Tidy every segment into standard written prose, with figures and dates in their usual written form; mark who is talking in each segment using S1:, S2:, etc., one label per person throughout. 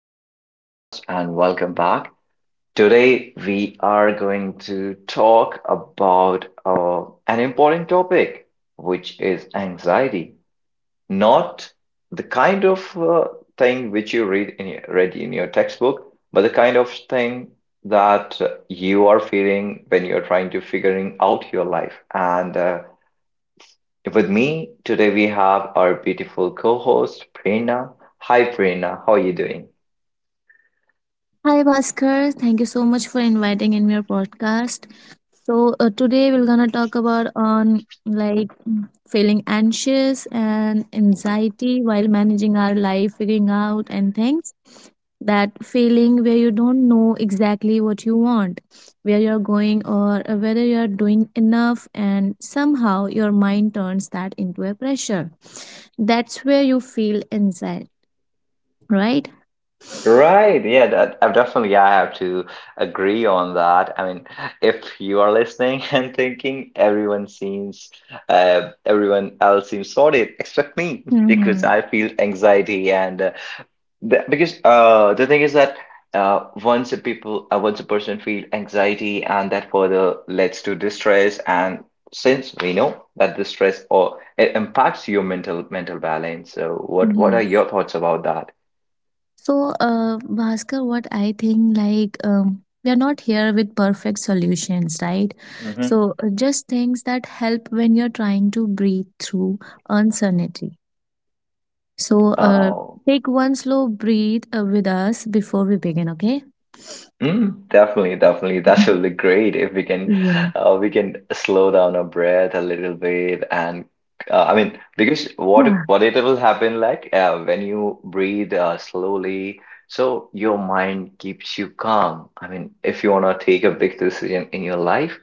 S1: This podcast and welcome back. Today, we are going to talk about an important topic, which is anxiety, not the kind of thing which you read in your textbook, but the kind of thing that you are feeling when you're trying to figuring out your life. And with me today, we have our beautiful co-host Prerna. Hi, Prerna, how are you doing?
S2: Hi Bhaskar, thank you so much for inviting in your podcast. So today we're gonna talk about on like feeling anxious and anxiety while managing our life, figuring out and things. That feeling where you don't know exactly what you want, where you're going, or whether you're doing enough, and somehow your mind turns that into a pressure. That's where you feel anxiety, right?
S1: Right, yeah, that I definitely yeah, I have to agree on that. I mean, if you are listening and thinking everyone else seems sorted except me because
S2: Mm-hmm.
S1: I feel anxiety and because the thing is that once a person feel anxiety, and that further leads to distress, and since we know that distress or it impacts your mental balance, so what are
S2: Yes.
S1: your thoughts about that?
S2: So, Bhaskar, what I think, we are not here with perfect solutions, right?
S1: Hmm.
S2: So, just things that help when you're trying to breathe through uncertainty. So,
S1: uh,
S2: take one slow breathe with us before we begin, okay?
S1: Definitely, definitely. That
S2: Mhm.
S1: will be great if we can,
S2: Yes.
S1: uh, we can slow down our breath a little bit, and I mean, because
S2: Ah,
S1: what it will happen like when you breathe slowly, so your mind keeps you calm. I mean, if you wanna take a big decision in your life,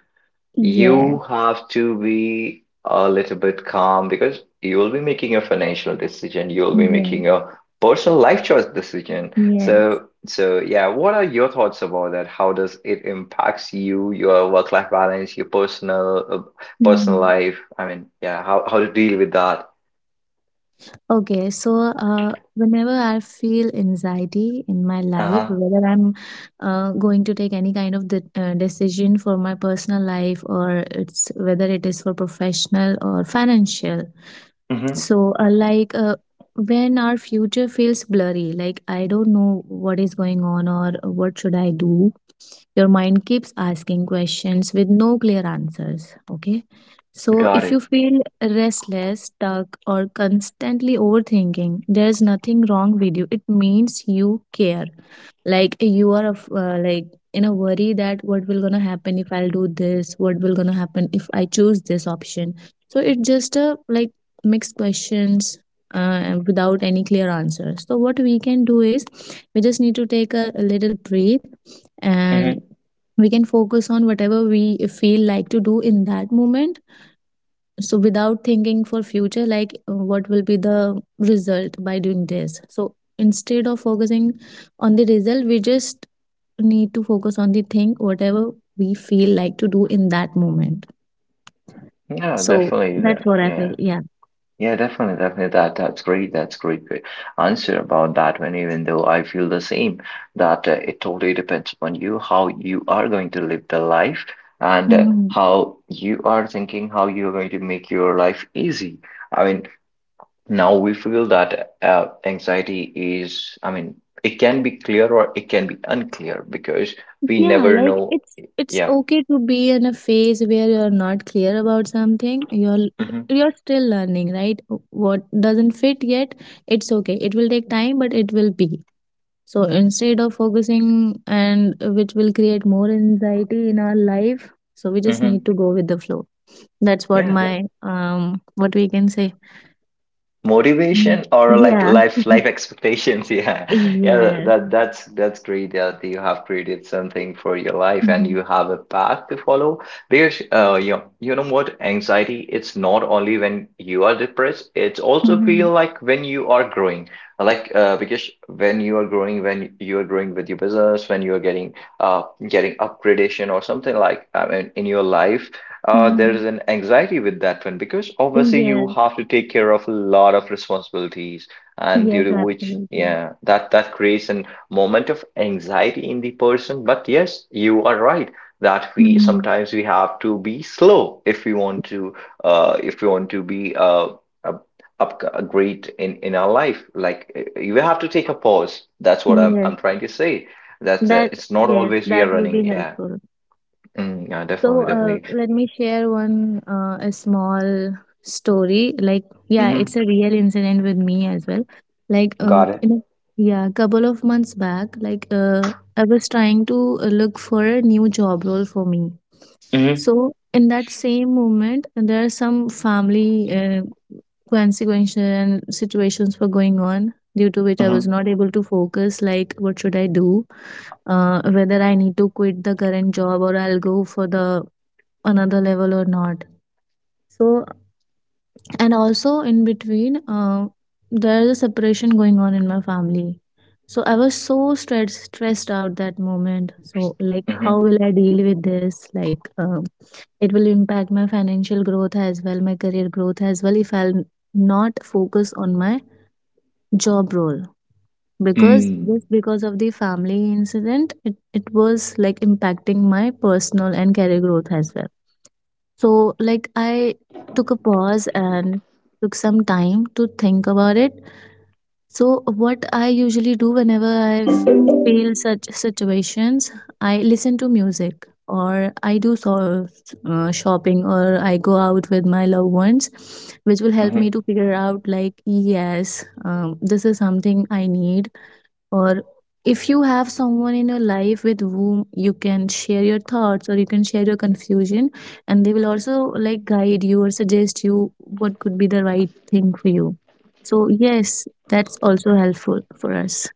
S2: Yes.
S1: you have to be a little bit calm because you will be making a financial decision, you will be
S2: Yes.
S1: making a personal life choice decision.
S2: Yes.
S1: So yeah, what are your thoughts about that? How does it impacts you, your work-life balance, your personal
S2: Mhm.
S1: life? I mean, yeah, how to deal with that?
S2: Okay, so, whenever I feel anxiety in my life,
S1: Uh-huh.
S2: whether I'm going to take any kind of the decision for my personal life or it's whether it is for professional or financial.
S1: Mm-hmm.
S2: So, when our future feels blurry, like I don't know what is going on or what should I do, your mind keeps asking questions with no clear answers, okay? So if
S1: Got
S2: you
S1: it.
S2: feel restless, stuck, or constantly overthinking, there's nothing wrong with you. It means you care, like you are of like in a worry that what will gonna happen if I'll do this, what will gonna happen if I choose this option. So it's just a like mixed questions, without any clear answers. So what we can do is, we just need to take a little breathe
S1: Mm-hmm.
S2: and we can focus on whatever we feel like to do in that moment. So without thinking for future, like what will be the result by doing this. So instead of focusing on the result, we just need to focus on the thing whatever we feel like to do in that moment.
S1: Yeah,
S2: So
S1: definitely
S2: that's
S1: that.
S2: what I
S1: Yeah.
S2: feel, yeah.
S1: Yeah, definitely, definitely. That's great. That's great answer about that one, even though I feel the same that it totally depends upon you, how you are going to live the life and
S2: Mhm.
S1: how you are thinking, how you're going to make your life easy. I mean, now we feel that anxiety is, I mean, it can be clear or it can be unclear because we
S2: Yeah,
S1: never
S2: like
S1: know.
S2: it's
S1: Yeah.
S2: okay to be in a phase where you're not clear about something. You're
S1: Hmm.
S2: you're still learning, right? What doesn't fit yet, it's okay. It will take time, but it will be. So instead of focusing and which will create more anxiety in our life, so we just need
S1: Hmm.
S2: to go with the flow. That's what
S1: Yeah,
S2: my what we can say. Mm,
S1: motivation or like
S2: yeah.
S1: life life expectations yeah. Yeah,
S2: Yes.
S1: that's great that you have created something for your life and
S2: Mm-hmm.
S1: you have a path to follow, because you know what, anxiety it's not only when you are depressed, it's also
S2: Mm-hmm.
S1: feel like when you are growing, like because when you are growing with your business, when you are uh getting upgradation or something like I mean in your life. There
S2: Mm-hmm.
S1: is an anxiety with that one because obviously you
S2: Yes.
S1: have to take care of a lot of responsibilities, and due
S2: Yes,
S1: to which,
S2: absolutely.
S1: yeah, that creates a moment of anxiety in the person. But yes, you are right that we
S2: Mhm.
S1: sometimes we have to be slow if we want to if we want to be up, up great in our life. Like you have to take a pause. That's what I'm
S2: Yes,
S1: I'm trying to say. That
S2: that
S1: it's not
S2: yes,
S1: always we
S2: that
S1: are
S2: will be
S1: running. Yeah.
S2: helpful.
S1: Mm, yeah, definitely,
S2: So,
S1: definitely.
S2: let me share one a small story. Like yeah,
S1: Mm-hmm.
S2: it's a real incident with me as well. Like
S1: Got
S2: um,
S1: it.
S2: in a, yeah, couple of months back, I was trying to look for a new job role for me.
S1: Mm-hmm.
S2: So in that same moment, there are some family consequential and situations were going on due to which I was
S1: Mm-hmm.
S2: not able to focus. Like, what should I do? Whether I need to quit the current job or I'll go for the another level or not. So and also in between there is a separation going on in my family. So I was so stressed out that moment. So like how
S1: Mm-hmm.
S2: will I deal with this, like it will impact my financial growth as well, my career growth as well, if I'll not focus on my job role, because
S1: Mm.
S2: just because of the family incident it was like impacting my personal and career growth as well. So, like, I took a pause and took some time to think about it. So, what I usually do whenever I feel such situations, I listen to music or I do shopping or I go out with my loved ones, which will help
S1: Mm-hmm.
S2: me to figure out, like, yes, this is something I need, or if you have someone in your life with whom you can share your thoughts or you can share your confusion, and they will also like guide you or suggest you what could be the right thing for you. So yes, that's also helpful for us.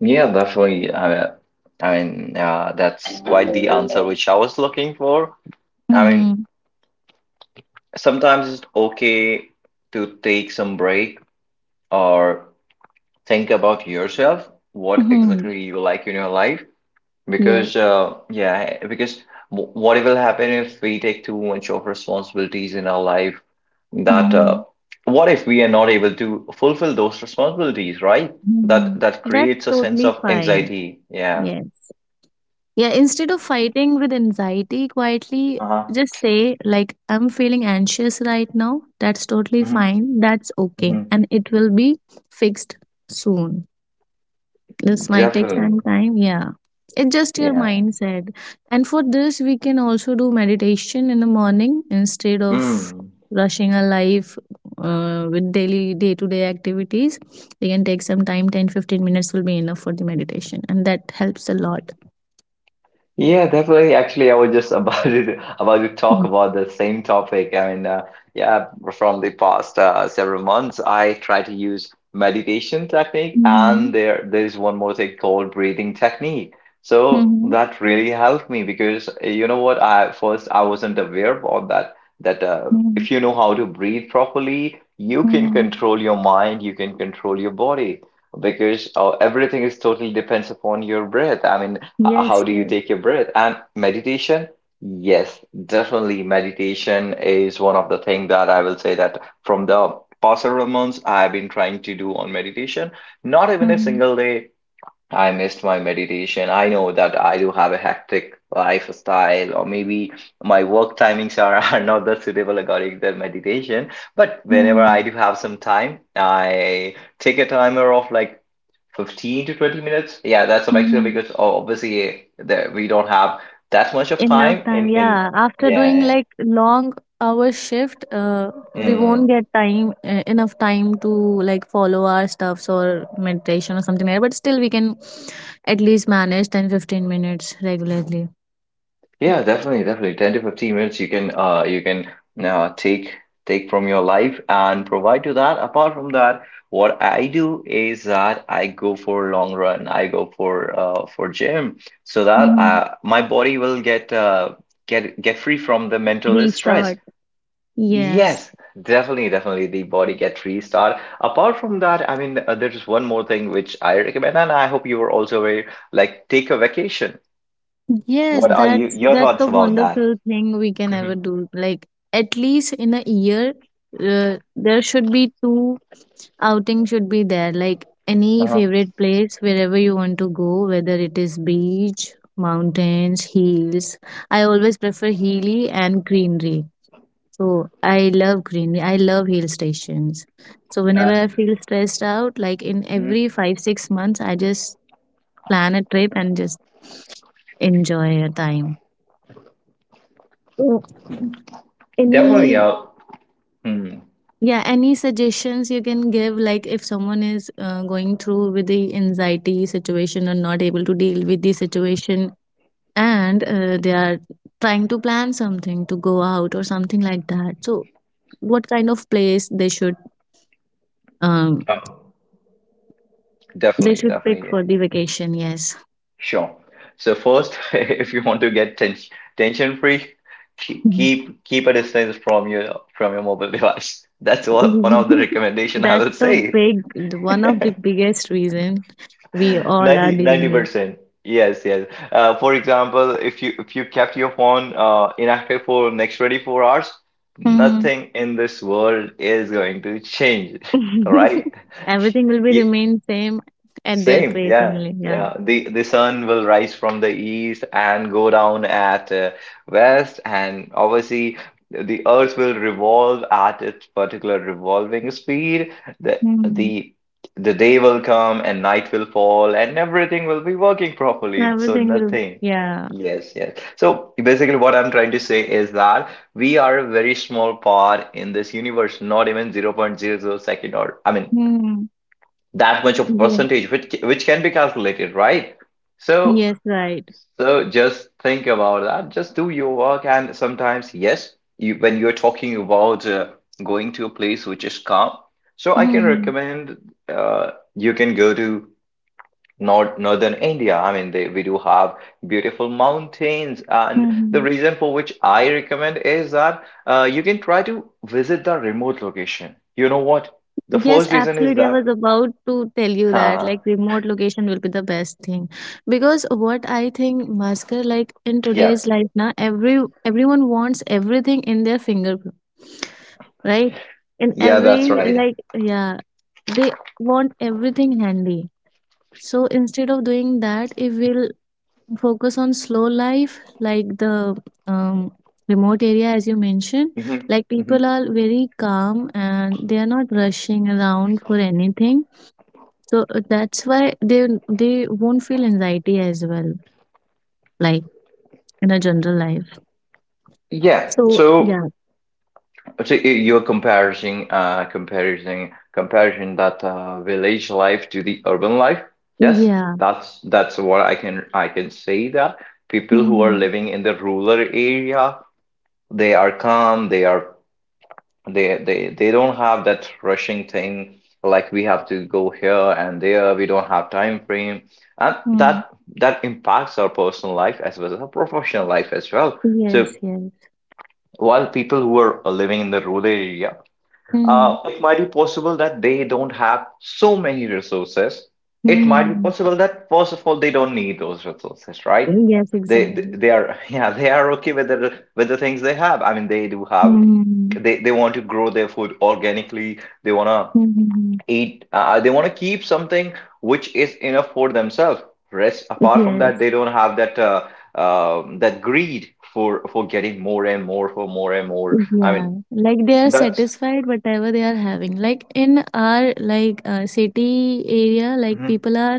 S1: Yeah, definitely. I mean, that's quite the answer which I was looking for. I mean,
S2: Mm-hmm.
S1: sometimes it's okay to take some break or think about yourself, what
S2: Mm-hmm.
S1: exactly you like in your life.
S2: Yes.
S1: Because, yeah, because what will happen if we take too much of responsibilities in our life? That
S2: Mm-hmm.
S1: What if we are not able to fulfill those responsibilities, right?
S2: Mm-hmm.
S1: That
S2: That's
S1: creates a sense
S2: totally
S1: of
S2: fine,
S1: anxiety. Yeah.
S2: yes. Yeah, instead of fighting with anxiety quietly,
S1: Uh-huh.
S2: just say, like, I'm feeling anxious right now. That's totally
S1: Mm-hmm.
S2: fine. That's okay.
S1: Mm-hmm.
S2: And it will be fixed soon. This might take
S1: Definitely.
S2: some time. Yeah. It's just your
S1: Yeah.
S2: mindset. And for this, we can also do meditation in the morning instead of
S1: Mm.
S2: rushing our life with daily day to day activities. We can take some time 10, 15 minutes will be enough for the meditation, and that helps a lot.
S1: Yeah, definitely. Actually, I was just about to talk about the same topic. I mean, yeah, from the past several months, I try to use meditation technique,
S2: Mm-hmm.
S1: and there is one more thing called breathing technique. So
S2: Mhm,
S1: that really helped me because you know what? I first I wasn't aware about that. That
S2: mhm,
S1: if you know how to breathe properly, you can
S2: mhm.
S1: control your mind, you can control your body, because everything is totally depends upon your breath. I mean, how
S2: Yes,
S1: do you
S2: yes.
S1: take your breath? And meditation, yes, definitely meditation is one of the thing that I will say, that from the past several months I've been trying to do on meditation. Not even a
S2: Mhm,
S1: single day I missed my meditation. I know that I do have a hectic lifestyle, or maybe my work timings are, are not that suitable according to meditation. But whenever
S2: mhm,
S1: I do have some time, I take a timer of like 15 to 20 minutes. Yeah, that's a maximum
S2: mhm.
S1: because obviously there, we don't have that much of
S2: Enough
S1: time
S2: time,
S1: in.
S2: yeah. After doing
S1: Yeah.
S2: like long hour shift,
S1: Yeah.
S2: we
S1: Mm.
S2: won't get time enough time to like follow our stuffs or meditation or something like that. But still, we can at least manage 10-15 minutes regularly.
S1: Yeah, definitely, definitely. 10 to 15 minutes you can uh, take take from your life and provide to that. Apart from that, what I do is that I go for long run. I go for gym, so that
S2: Mm-hmm.
S1: my body will get free from the mental stress.
S2: Restart. Yes.
S1: Yes, definitely, definitely the body get restart. Apart from that, I mean there's one more thing which I recommend and I hope you are also aware, like take a vacation.
S2: Yes,
S1: What are you
S2: that's
S1: your
S2: that's
S1: thoughts
S2: the
S1: about that?
S2: wonderful thing we can ever do. Like at least in a year, uh, there should be two outing should be there, like any
S1: Uh-huh.
S2: favorite place wherever you want to go, whether it is beach, mountains, hills. I always prefer hilly and greenery, so I love greenery, I love hill stations. So
S1: Yeah.
S2: whenever I feel stressed out, like in
S1: Mhm.
S2: every 5 6 months I just plan a trip and just enjoy a time. So
S1: Definitely.
S2: any,
S1: Hmm.
S2: yeah, any suggestions you can give, like if someone is going through with the anxiety situation or not able to deal with the situation, and they are trying to plan something to go out or something like that. So, what kind of place um
S1: Oh,
S2: they
S1: definitely.
S2: should pick
S1: Definitely.
S2: for the vacation? Yes.
S1: Sure. So first, if you want to get tension free, keep
S2: That's
S1: keep keep a distance from your mobile device. That's what one of the recommendation I will
S2: the
S1: say.
S2: big, one of the biggest reason we all are
S1: Ninety
S2: dealing with.
S1: percent. Yes, yes. For example, if you kept your phone inactive for next 24 hours, nothing in this world is going to change, right?
S2: Everything will be remain same at their
S1: Same,
S2: place
S1: yeah,
S2: only. Yeah.
S1: yeah. The sun will rise from the east and go down at west, and obviously the earth will revolve at its particular revolving speed. The
S2: Hmm.
S1: the the day will come and night will fall and everything will be working properly. So
S2: Everything will.
S1: nothing.
S2: Yeah.
S1: Yes, yes. So basically what I'm trying to say is that we are a very small part in this universe, not even 0.00 second. Or I mean
S2: Hmm.
S1: that much of
S2: Yes.
S1: percentage which can be calculated, right? so
S2: Yes. Right.
S1: so just think about that, just do your work, and sometimes, yes, you, when you're talking about going to a place which is calm, so I can
S2: Hmm.
S1: recommend, you can go to northern India. I mean, we do have beautiful mountains, and the
S2: Hmm.
S1: reason for which I recommend is that you can try to visit the remote location. You know what, the
S2: Yes,
S1: first reason is
S2: absolutely. I was
S1: that
S2: about to tell you that like
S1: huh,
S2: remote location will be the best thing, because what I think, Bhaskar, like in
S1: yeah.
S2: today's life, na everyone wants everything in their fingerprint, right? In
S1: Yeah, that's
S2: every
S1: right.
S2: like yeah, they want everything handy. So instead of doing that, if we'll focus on slow life, like the um, remote area, as you mentioned,
S1: Hmm.
S2: like
S1: Hmm.
S2: people are very calm and they are not rushing around for anything. So that's why they won't feel anxiety as well, like in a general life.
S1: Yeah.
S2: So
S1: So,
S2: yeah,
S1: so you're comparing, comparing that village life to the urban life. Yes,
S2: yeah.
S1: that's what I can say, that people who are
S2: Mm-hmm.
S1: living in the rural area, they are calm, they are. They don't have that rushing thing like we have to go here and there. We don't have time frame, and
S2: Hmm.
S1: that impacts our personal life as well as our professional life as well. So,
S2: Yes, yes.
S1: while people who are living in the rural area,
S2: Mm-hmm.
S1: it might be possible that they don't have so many resources. It might be
S2: Hmm.
S1: possible that first of all they don't need those resources, right?
S2: Yes, exactly.
S1: They are yeah, they are okay with the things they have. I mean, they do have
S2: Mm-hmm.
S1: they want to grow their food organically, they want to
S2: Mm-hmm.
S1: eat, they want to keep something which is enough for themselves. Rest apart from that,
S2: Yes.
S1: they don't have that that greed for getting more and more, for more and more, I
S2: Yeah,
S1: mean.
S2: like they are
S1: That's.
S2: satisfied whatever they are having. Like in our like city area, like
S1: Mhm.
S2: people are,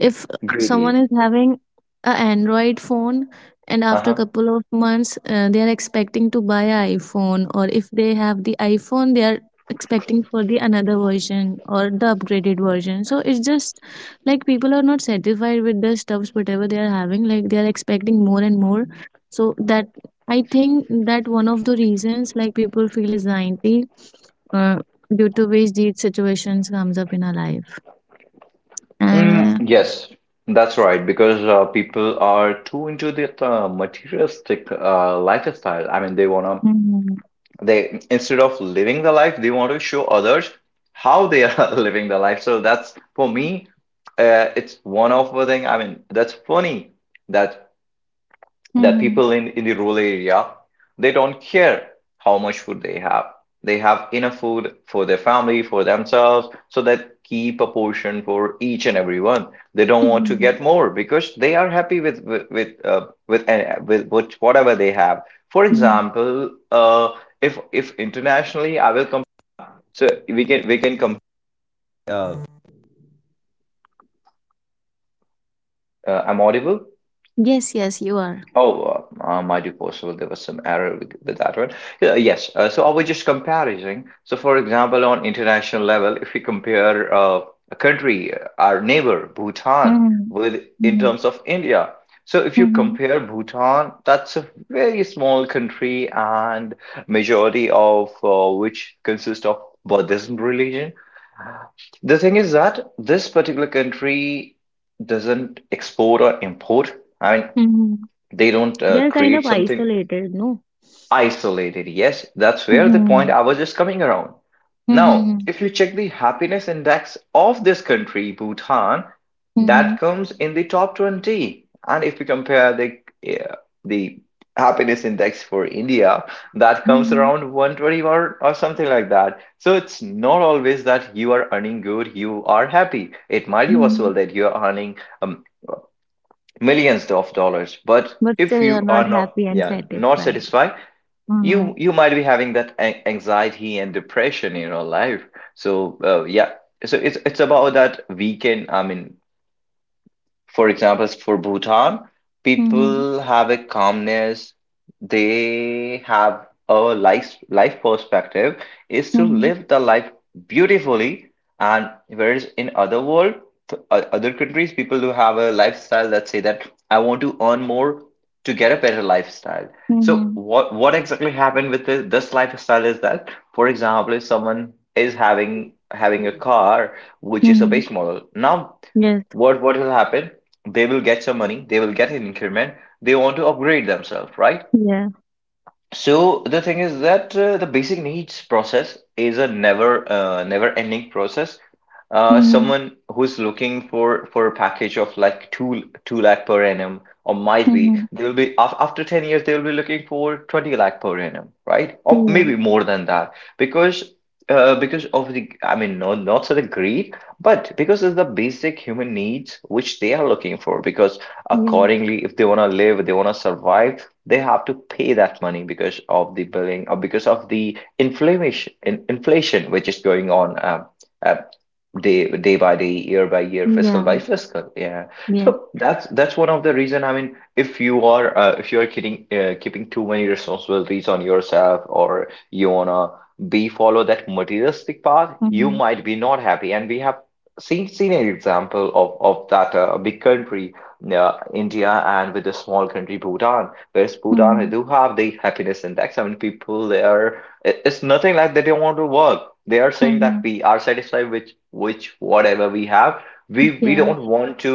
S2: if someone
S1: Greedy.
S2: is having a Android phone and after a
S1: Uh-huh.
S2: couple of months they are expecting to buy an iPhone, or if they have the iPhone they are expecting for the another version or the upgraded version. So it's just like people are not satisfied with the stuffs whatever they are having, like they are expecting more and more. So that, I think that one of the reasons like people feel is 90, uh, due to which these situations comes up in our life.
S1: Mm,
S2: Uh,
S1: yes, that's right because people are too into that materialistic lifestyle. I mean they want to
S2: Mm-hmm.
S1: they instead of living the life, they want to show others how they are living the life, so that's for me, it's one of the thing, I mean, that's funny that that
S2: Mm-hmm.
S1: people in the rural area, they don't care how much food they have, they have enough food for their family, for themselves, so that keep a portion for each and everyone, they don't want to
S2: Mhm.
S1: get more because they are happy with whatever they have. For
S2: Mm-hmm.
S1: example, if internationally.
S2: Yes, yes, you are.
S1: Might be possible there was some error with that one. Yeah, yes. So I was just comparing. So, for example, on international level, if we compare a country, our neighbor Bhutan,
S2: Mm-hmm.
S1: with in
S2: Mm-hmm.
S1: terms of India. So, if you
S2: Mm-hmm.
S1: compare Bhutan, that's a very small country, and majority of which consists of Buddhism religion. The thing is that this particular country doesn't export or import. I mean,
S2: Mm-hmm.
S1: they don't
S2: They are kind of
S1: create something.
S2: isolated, no?
S1: Isolated, yes, that's where the point
S2: Mm-hmm.
S1: I was just coming around. Now,
S2: Mm-hmm.
S1: if you check the happiness index of this country, Bhutan,
S2: Mm-hmm.
S1: that comes in the top 20. And if you compare the uh, the happiness index for India, that comes
S2: Mm-hmm.
S1: around 120 or something like that. So it's not always that you are earning good, you are happy. It might be
S2: Mm-hmm.
S1: possible that you are earning um, millions of dollars, but
S2: But still
S1: if
S2: you are
S1: you
S2: not
S1: are not,
S2: happy and
S1: yeah, not
S2: satisfied.
S1: satisfied,
S2: Mm-hmm.
S1: you might be having that anxiety and depression in your life. So yeah, so it's about that we can. I mean, for example, for Bhutan,
S2: Mm-hmm.
S1: people have a calmness, they have a life perspective is to
S2: Mm-hmm.
S1: live the life beautifully. And whereas in other world, other countries, people do have a lifestyle that say that I want to earn more to get a better lifestyle. So
S2: Mm-hmm.
S1: what exactly happened with the, this lifestyle is that, for example, if someone is having a car which is a
S2: Mm-hmm.
S1: base model. Now
S2: Yes.
S1: what will happen, they will get some money, they will get an increment, they want to upgrade themselves, right?
S2: Yeah.
S1: So the thing is that the basic needs process is a never never ending process.
S2: Mhm.
S1: Someone who's looking for a package of like two lakh per annum, or might be
S2: Mhm.
S1: they will be af after 10 years they will be looking for 20 lakh per annum, right? Or
S2: Yeah.
S1: maybe more than that, because because of the, I mean, no, not so the greed, but because of the basic human needs which they are looking for, because
S2: Yes.
S1: accordingly if they want to live, if they want to survive, they have to pay that money because of the billing or because of the inflammation inflation which is going on. Uh, day day by day, year by year, fiscal
S2: Yeah.
S1: by fiscal. Yeah.
S2: Yes.
S1: So that's one of the reason. I mean, if you are keeping keeping too many responsibilities on yourself, or you wanna be follow that materialistic path, you
S2: Mhm.
S1: might be not happy. And we have seen an example of that big country. India, and with the small country Bhutan, whereas Bhutan
S2: Mhm.
S1: do have the happiness index. I mean, people there, it's nothing like they don't want to work. They are saying that
S2: Mhm.
S1: we are satisfied with which whatever we have. We
S2: Yes.
S1: don't want to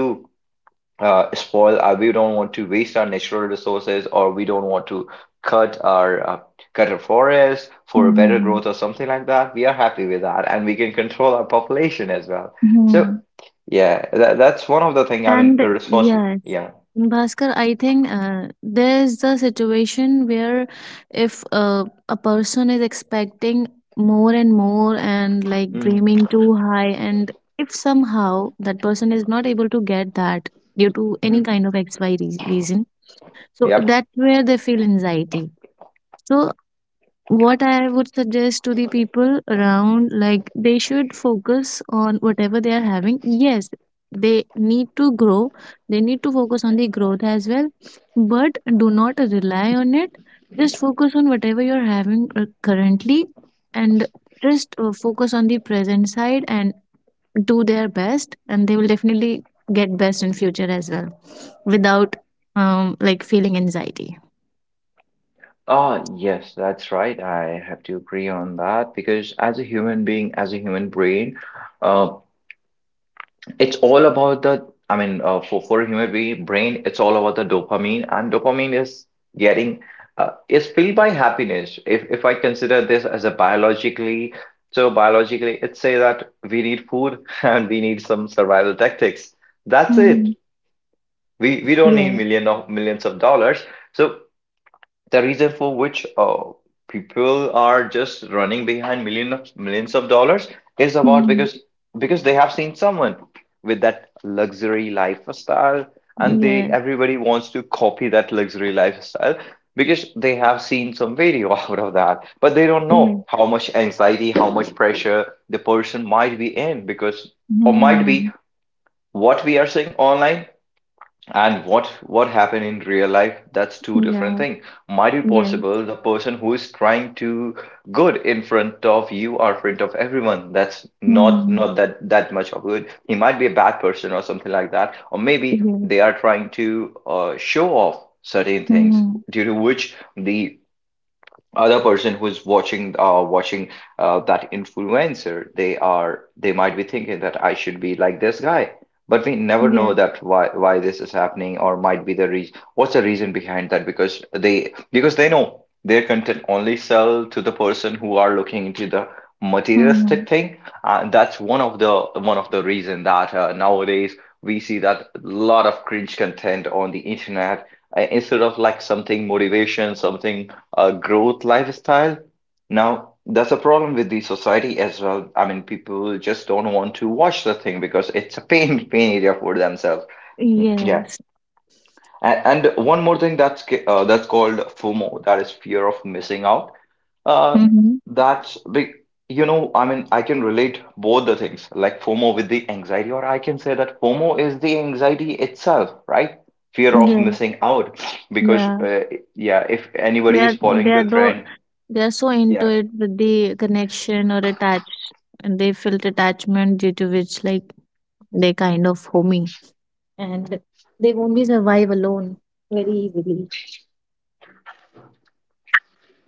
S1: spoil. Our, we don't want to waste our natural resources, or we don't want to cut our uh, cut our forest for a better
S2: Mhm.
S1: growth or something like that. We are happy with that, and we can control our population as well. So
S2: Mhm.
S1: yeah, that's one of the thing. I mean,
S2: And
S1: a response.
S2: yes.
S1: Yeah.
S2: And Bhaskar, I think there's the situation where if a person is expecting more and more and like dreaming too high, and if somehow that person is not able to get that due to any
S1: Mm-hmm.
S2: kind of XY re- reason, so
S1: Yep.
S2: that's where they feel anxiety. So what I would suggest to the people around, like they should focus on whatever they are having. Yes, they need to grow, they need to focus on the growth as well, but do not rely on it. Just focus on whatever you're having currently, and just focus on the present side and do their best, and they will definitely get best in future as well without like feeling anxiety.
S1: Ah, yes, that's right. I have to agree on that because as a human being, as a human brain, uh, it's all about the, I mean, for a human being brain, it's all about the dopamine, and dopamine is getting, is filled by happiness. If I consider this as a biologically, so biologically, it say that we need food and we need some survival tactics. That's it.
S2: Mhm.
S1: We don't need
S2: Yeah.
S1: million of millions of dollars. So the reason for which people are just running behind millions of dollars is about
S2: Mhm.
S1: because they have seen someone with that luxury lifestyle, and they
S2: Yeah.
S1: everybody wants to copy that luxury lifestyle, because they have seen some video out of that, but they don't
S2: Yeah.
S1: know how much anxiety, how much pressure the person might be in, because or might be
S2: Mhm.
S1: what we are seeing online and what happened in real life, that's two different
S2: Yes.
S1: thing. Might be
S2: Yes.
S1: possible the person who is trying to good in front of you or front of everyone, that's not
S2: Mhm.
S1: not that that much of good. He might be a bad person or something like that, or maybe they
S2: Yes.
S1: are trying to show off certain things,
S2: Mhm.
S1: due to which the other person who's watching that influencer they are, they might be thinking that I should be like this guy, but we never know
S2: Yes.
S1: that why this is happening, or might be the reason, what's the reason behind that, because they know their content only sell to the person who are looking into the
S2: Mhm.
S1: materialistic thing. And that's one of the reason that nowadays we see that a lot of cringe content on the internet, instead of like something motivation something growth lifestyle. Now, that's a problem with the society as well. I mean, people just don't want to watch the thing because it's a pain pain area for themselves. Mm, yeah,
S2: Yes.
S1: and one more thing that's that's called FOMO. That is fear of missing out. Uh,
S2: Mhm.
S1: that's big. You know, I mean, I can relate both the things, like FOMO with the anxiety, or I can say that FOMO is the anxiety itself, right? Fear of
S2: Yes.
S1: missing out, because
S2: Yeah.
S1: yeah, if
S2: They
S1: anybody
S2: are
S1: is
S2: they
S1: following
S2: are
S1: the
S2: though
S1: trend.
S2: they are so into
S1: Yeah.
S2: it with the connection or attached, and they felt attachment due to which like they kind of homey, and they only survive alone very easily.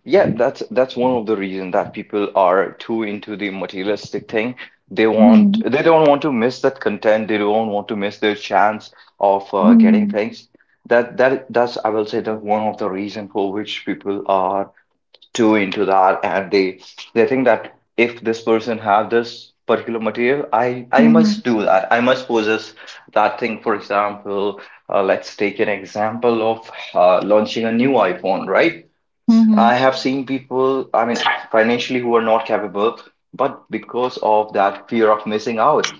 S1: Yeah, that's one of the reason that people are too into the materialistic thing. They want,
S2: Mhm.
S1: they don't want to miss that content. They don't want to miss their chance of getting
S2: Mhm.
S1: things. That's, I will say that, one of the reason for which people are too into that, and they think that if this person have this particular material, I
S2: Mhm.
S1: must do that. I must possess that thing. For example, let's take an example of launching a new iPhone, right?
S2: Mhm.
S1: I have seen people, I mean, financially who are not capable, but because of that fear of missing out,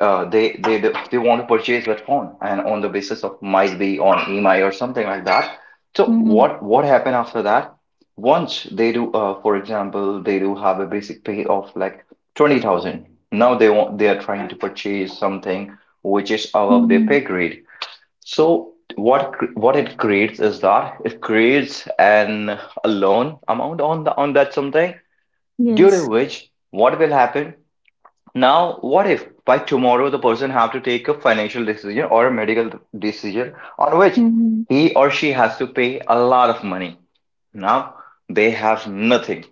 S1: uh, they they they want to purchase that phone, and on the basis of might be on EMI or something like that. So
S2: Mhm.
S1: what happened after that? Once they do, for example, they do have a basic pay of like 20,000. Now they want, they are trying to purchase something which is above their
S2: Mhm.
S1: pay grade. So what it creates is that it creates an a loan amount on the on that something, due to
S2: Yes.
S1: which what will happen? Now, what if by tomorrow the person have to take a financial decision or a medical decision on which
S2: Mhm.
S1: he or she has to pay a lot of money? Now they have nothing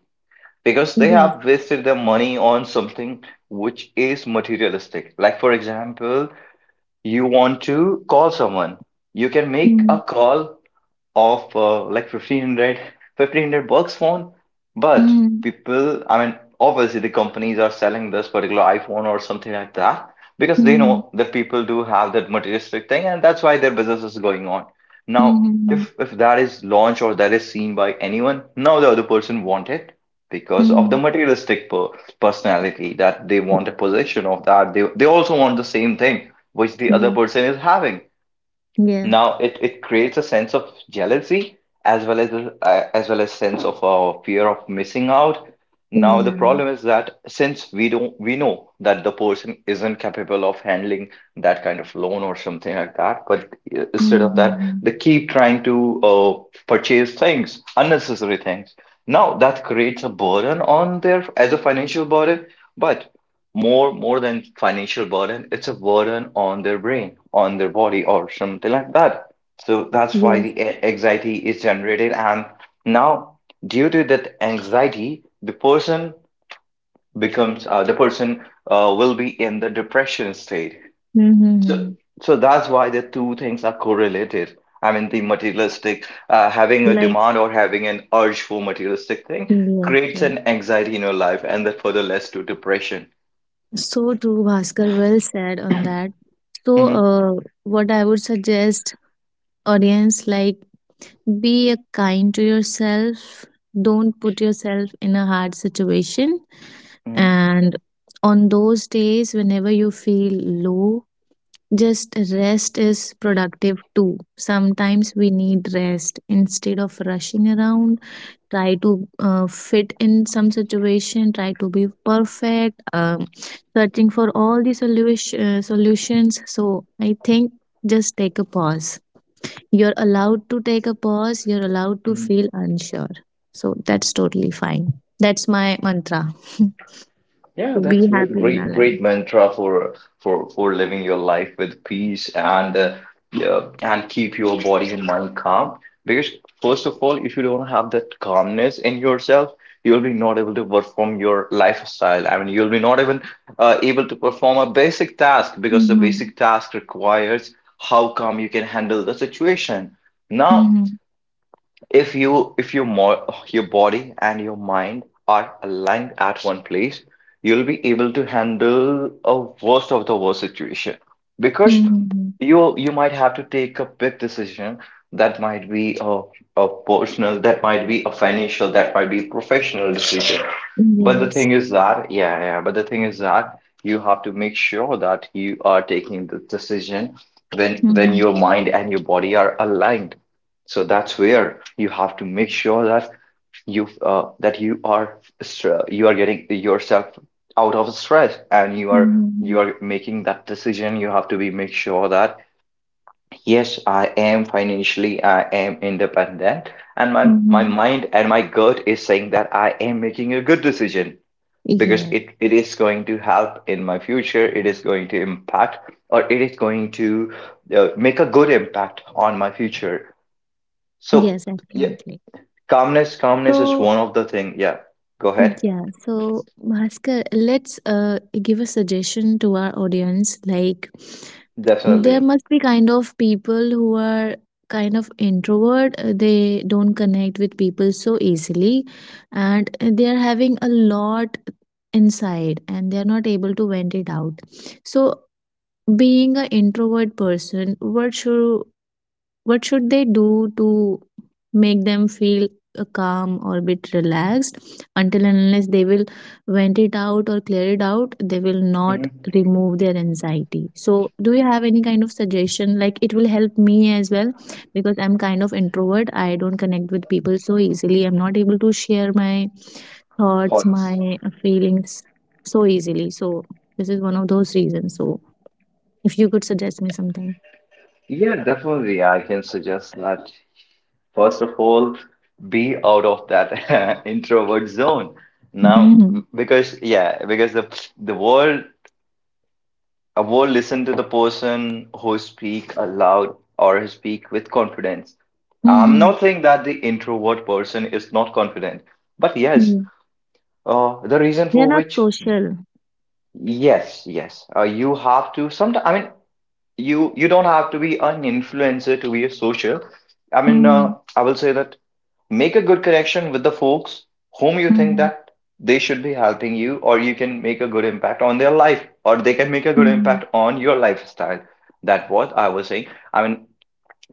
S1: because they
S2: Yes.
S1: have wasted their money on something which is materialistic. Like for example, you want to call someone, you can make a call of like 1,500 rupees phone, but
S2: Mhm.
S1: people, I mean, obviously the companies are selling this particular iPhone or something like that, because they
S2: Mhm.
S1: know that people do have that materialistic thing, and that's why their business is going on. Now
S2: Mhm.
S1: if that is launched or that is seen by anyone, now the other person want it because of the
S2: Mhm.
S1: materialistic personality, that they want a possession of that, they also want the same thing which the other
S2: Yes.
S1: person is having.
S2: Yeah.
S1: Now it creates a sense of jealousy as well as as well as sense of fear of missing out. Now the
S2: Yeah.
S1: problem is that since we don't, we know that the person isn't capable of handling that kind of loan or something like that, but instead of that,
S2: Mhm.
S1: they keep trying to purchase things, unnecessary things. Now that creates a burden on their as a financial burden, but more than financial burden, it's a burden on their brain, on their body or something like that. So that's why
S2: Yes.
S1: the anxiety is generated. And now due to that anxiety, the person becomes the person will be in the depression state. So
S2: Mhm.
S1: so that's why the two things are correlated. I mean the materialistic having a
S2: Like
S1: demand or having an urge for materialistic thing
S2: yes,
S1: creates
S2: yes.
S1: an anxiety in your life, and that further leads to depression.
S2: So true, Bhaskar. Well said on that. So,
S1: Hmm.
S2: uh, what I would suggest, audience, like, be a kind to yourself. Don't put yourself in a hard situation.
S1: Hmm.
S2: And on those days, whenever you feel low, just rest is productive too. Sometimes we need rest. Instead of rushing around, try to fit in some situation, try to be perfect, searching for all the solution, solutions. So I think, just take a pause. You're allowed to take a pause, you're allowed to
S1: Mhm.
S2: feel unsure. So that's totally fine. That's my mantra to
S1: Yeah,
S2: be
S1: that's
S2: happy in our
S1: great,
S2: life.
S1: great mantra for for living your life with peace and yeah, and keep your body and mind calm. Because first of all, if you don't have that calmness in yourself, you'll be not able to perform your lifestyle. I mean, you'll be not even able to perform a basic task, because the
S2: Mm-hmm.
S1: basic task requires how calm you can handle the situation. Now,
S2: Mm-hmm.
S1: if your body and your mind are aligned at one place, you'll be able to handle a worst of the worst situation, because
S2: Mm-hmm.
S1: you might have to take a big decision. That might be a personal, that might be a financial, that might be professional decision. But the
S2: Yes.
S1: thing is that but the thing is that you have to make sure that you are taking the decision when
S2: Mhm.
S1: your mind and your body are aligned. So that's where you have to make sure that you are you are getting yourself out of stress and you are
S2: Mhm.
S1: you are making that decision. You have to be make sure that yes, I am financially, I am independent, and my
S2: Mhm.
S1: mind and my gut is saying that I am making a good decision, because
S2: Yes.
S1: it is going to help in my future, it is going to impact, or it is going to make a good impact on my future. So
S2: Yes,
S1: yeah,
S2: absolutely.
S1: calmness, calmness is
S2: So,
S1: one of the thing. Yeah, go ahead.
S2: yeah. So, Bhaskar, let's give a suggestion to our audience. Like, there
S1: Definitely.
S2: must be kind of people who are kind of introvert. They don't connect with people so easily, and they are having a lot inside, and they are not able to vent it out. So, being an introvert person, what should they do to make them feel calm or bit relaxed? Until and unless they will vent it out or clear it out, they will not
S1: Hmm.
S2: remove their anxiety. So do you have any kind of suggestion? Like it will help me as well, because I'm kind of introvert, I don't connect with people so easily, I'm not able to share my thoughts,
S1: Thoughts?
S2: my feelings so easily. So this is one of those reasons. So if you could suggest me something.
S1: Yeah, definitely. I can suggest that first of all, be out of that introvert zone now,
S2: Hmm.
S1: because yeah, because the world, a world, listen to the person who speak aloud or who speak with confidence. I'm not saying that the introvert person is not confident, but yes,
S2: Hmm.
S1: the reason
S2: We are
S1: for
S2: not
S1: which.
S2: social.
S1: Yes, yes. You have to sometimes, I mean, you don't have to be an influencer to be a social. I mean,
S2: Mhm.
S1: I will say that make a good connection with the folks whom you think
S2: Mhm.
S1: that they should be helping you, or you can make a good impact on their life, or they can make a good
S2: Mhm.
S1: impact on your lifestyle. That what I was saying. I mean,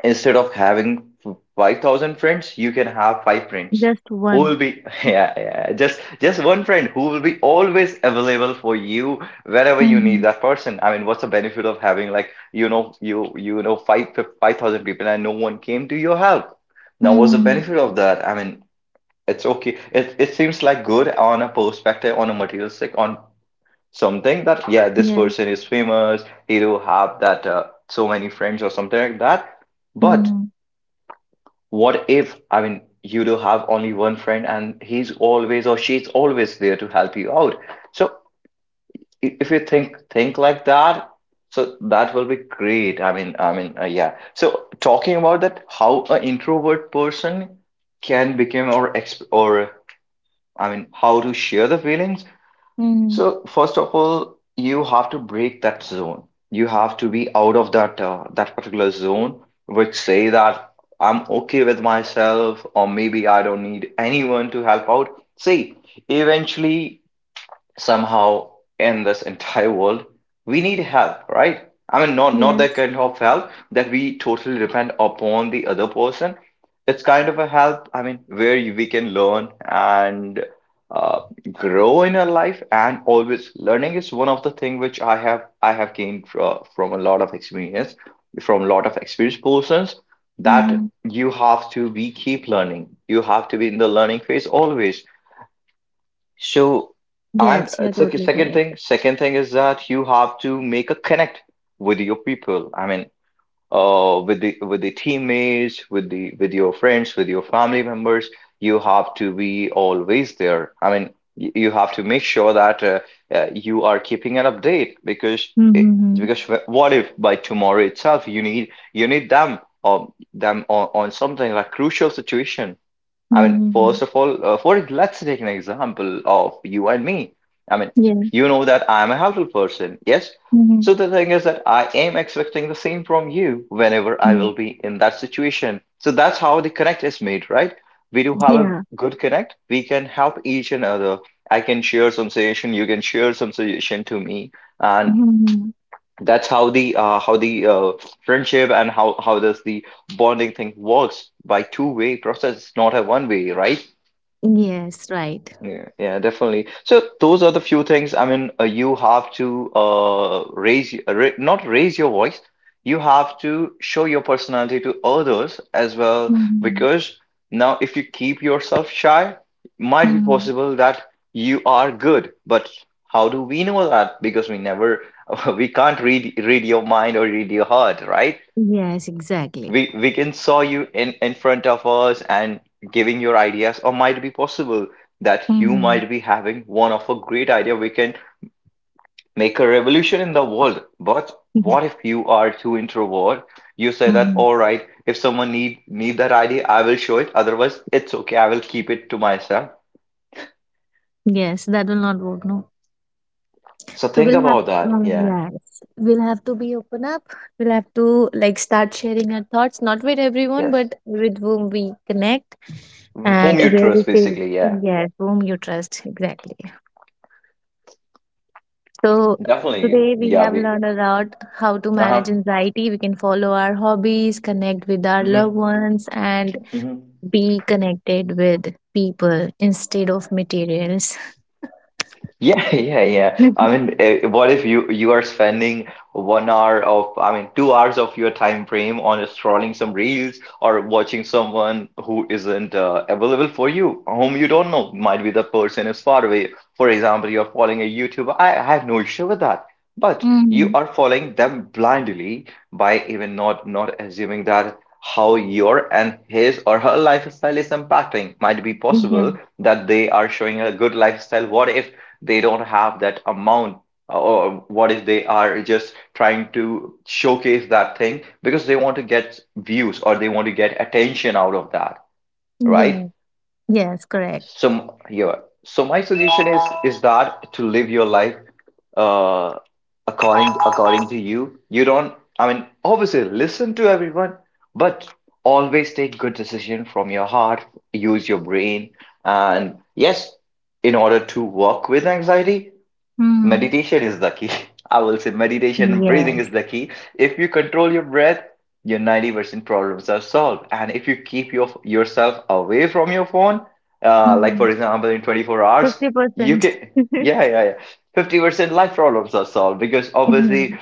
S1: instead of having 5,000 friends, you can have five friends
S2: Just
S1: who will
S2: one.
S1: be yeah, yeah, just one friend who will be always available for you wherever you need
S2: Mhm.
S1: that person. I mean, what's the benefit of having, like, five 5,000 people and no one came to your help? Now what's the
S2: Mhm.
S1: benefit of that? I mean, it's okay, it seems like good on a perspective, on a materialistic, on something, that yeah, this
S2: Yes,
S1: person is famous, he do have that so many friends or something like that. But
S2: mhm.
S1: what if, I mean, you do have only one friend and he's always or she's always there to help you out? So if you think like that, so that will be great. I mean, yeah. So talking about that, how an introvert person can become or exp or I mean, how to share the feelings.
S2: Mhm.
S1: So first of all, you have to break that zone. You have to be out of that particular zone, which say that I'm okay with myself, or maybe I don't need anyone to help out. See, eventually, somehow, in this entire world, we need help, right? I mean, not that
S2: Yes.
S1: kind of help that we totally depend upon the other person. It's kind of a help, I mean, where we can learn and uh, grow in our life. And always learning is one of the thing which I have gained from a lot of experience, from a lot of experienced persons, that
S2: Mhm.
S1: you have to be keep learning, you have to be in the learning phase always. So, and
S2: Yes, you're
S1: it's a
S2: totally
S1: second
S2: correct.
S1: thing. Second thing is that you have to make a connect with your people. I mean, with the teammates, with the with your friends, with your family members. You have to be always there. I mean, you have to make sure that you are keeping an update, because
S2: Mhm.
S1: because what if by tomorrow itself you need them, or them on something like crucial situation. I mean,
S2: Mhm.
S1: first of all, for let's take an example of you and me. I mean,
S2: Yeah.
S1: you know that I'm a helpful person, yes?
S2: Mhm.
S1: So the thing is that I am expecting the same from you whenever I will
S2: Yes,
S1: be in that situation. So that's how the connect is made, right? We do have a
S2: yeah.
S1: good connect. We can help each another. I can share some suggestion, you can share some suggestion to me, and
S2: Mhm.
S1: that's how the friendship and how does the bonding thing works, by two-way process, not a one-way, right?
S2: Yes, right.
S1: Yeah, yeah, definitely. So those are the few things. I mean, you have to raise y- ra not raise your voice. You have to show your personality to others as well,
S2: Mhm.
S1: because now if you keep yourself shy, might be
S2: Mhm.
S1: possible that you are good. But how do we know that? Because we never we can't read your mind or read your heart, right?
S2: Yes, exactly.
S1: We can saw you in front of us and giving your ideas, or might be possible that you
S2: Mhm.
S1: might be having one of a great idea. We can make a revolution in the world. But
S2: Mhm.
S1: what if you are too introvert, you say that, all right, if someone need that idea, I will show it, otherwise it's okay, I will keep it to myself.
S2: Yes, that will not work, no.
S1: So
S2: So
S1: think
S2: we'll have,
S1: about that. Yeah,
S2: yes, we'll have to be open up. We'll have to like start sharing our thoughts, not with everyone,
S1: yes,
S2: but with whom we connect
S1: whom
S2: and
S1: you
S2: where we
S1: trust
S2: feel,
S1: basically, yeah,
S2: yes, whom you trust, exactly. So
S1: definitely,
S2: today we
S1: yeah,
S2: have
S1: we,
S2: learned a lot how to manage
S1: uh-huh.
S2: anxiety. We can follow our hobbies, connect with our
S1: Hmm.
S2: loved ones, and
S1: Hmm.
S2: be connected with people instead of materials.
S1: Yeah, yeah, yeah. I mean, what if you are spending 1 hour of, I mean, 2 hours of your time frame on scrolling some reels or watching someone who isn't available for you, whom you don't know, might be the person is far away. For example, you're following a YouTuber. I have no issue with that, but you
S2: Mm.
S1: are following them blindly, by even not assuming that how your and his or her lifestyle is impacting. Might be
S2: Yeah.
S1: possible that they are showing a good lifestyle. What if they don't have that amount, or what if they are just trying to showcase that thing because they want to get views or they want to get attention out of that, right?
S2: Yes. Yes. Correct.
S1: So yeah, so my suggestion is that to live your life uh according, according to you. You don't, I mean, obviously listen to everyone, but always take good decision from your heart, use your brain, and yes, in order to work with anxiety,
S2: Mm.
S1: meditation is the key. I will say meditation and breathing is
S2: Yes.
S1: the key. If you control your breath, your 90% problems are solved. And if you keep your yourself away from your phone, like for
S2: Mhm.
S1: example, in 24 hours, you
S2: 50%.
S1: can, yeah, yeah, yeah, 50% life problems are solved, because obviously
S2: Mhm.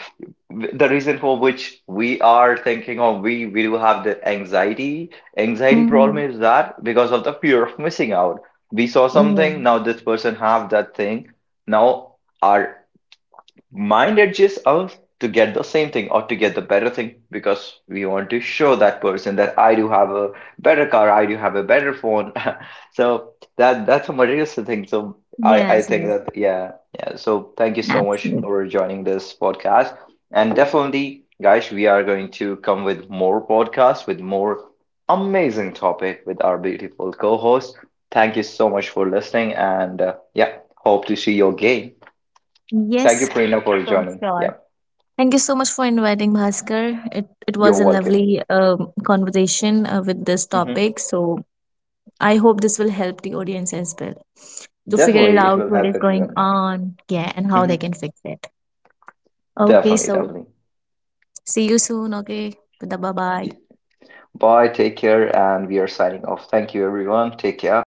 S1: the reason for which we are thinking, or we do have the anxiety, anxiety problem,
S2: Mhm.
S1: is that because of the fear of missing out. We saw
S2: Yes.
S1: something, now this person have that thing. Now our mind edges us to get the same thing or to get the better thing, because we want to show that person that I do have a better car, I do have a better phone. So that's a materialistic thing. So I
S2: Yes,
S1: think
S2: yes.
S1: that, yeah, yeah. So thank you so much
S2: Absolutely.
S1: for joining this podcast, and definitely, guys, we are going to come with more podcasts with more amazing topic with our beautiful co-host. Thank you so much for listening, and yeah, hope to see you again. Thank you,
S2: Yes,
S1: Prerna, for
S2: so
S1: joining.
S2: sure.
S1: Yeah,
S2: Thank you so much for inviting Bhaskar. It
S1: you're
S2: was a
S1: welcome.
S2: lovely conversation with this
S1: Hmm.
S2: topic. So I hope this will help the audience as well to figure it
S1: Definitely, it
S2: out
S1: will
S2: what
S1: help
S2: is going
S1: everyone.
S2: on, yeah, and how they
S1: Hmm.
S2: can fix it. Okay,
S1: Definitely,
S2: so
S1: definitely.
S2: see you soon. Okay, bye bye.
S1: Bye, take care, and we are signing off. Thank you, everyone. Take care.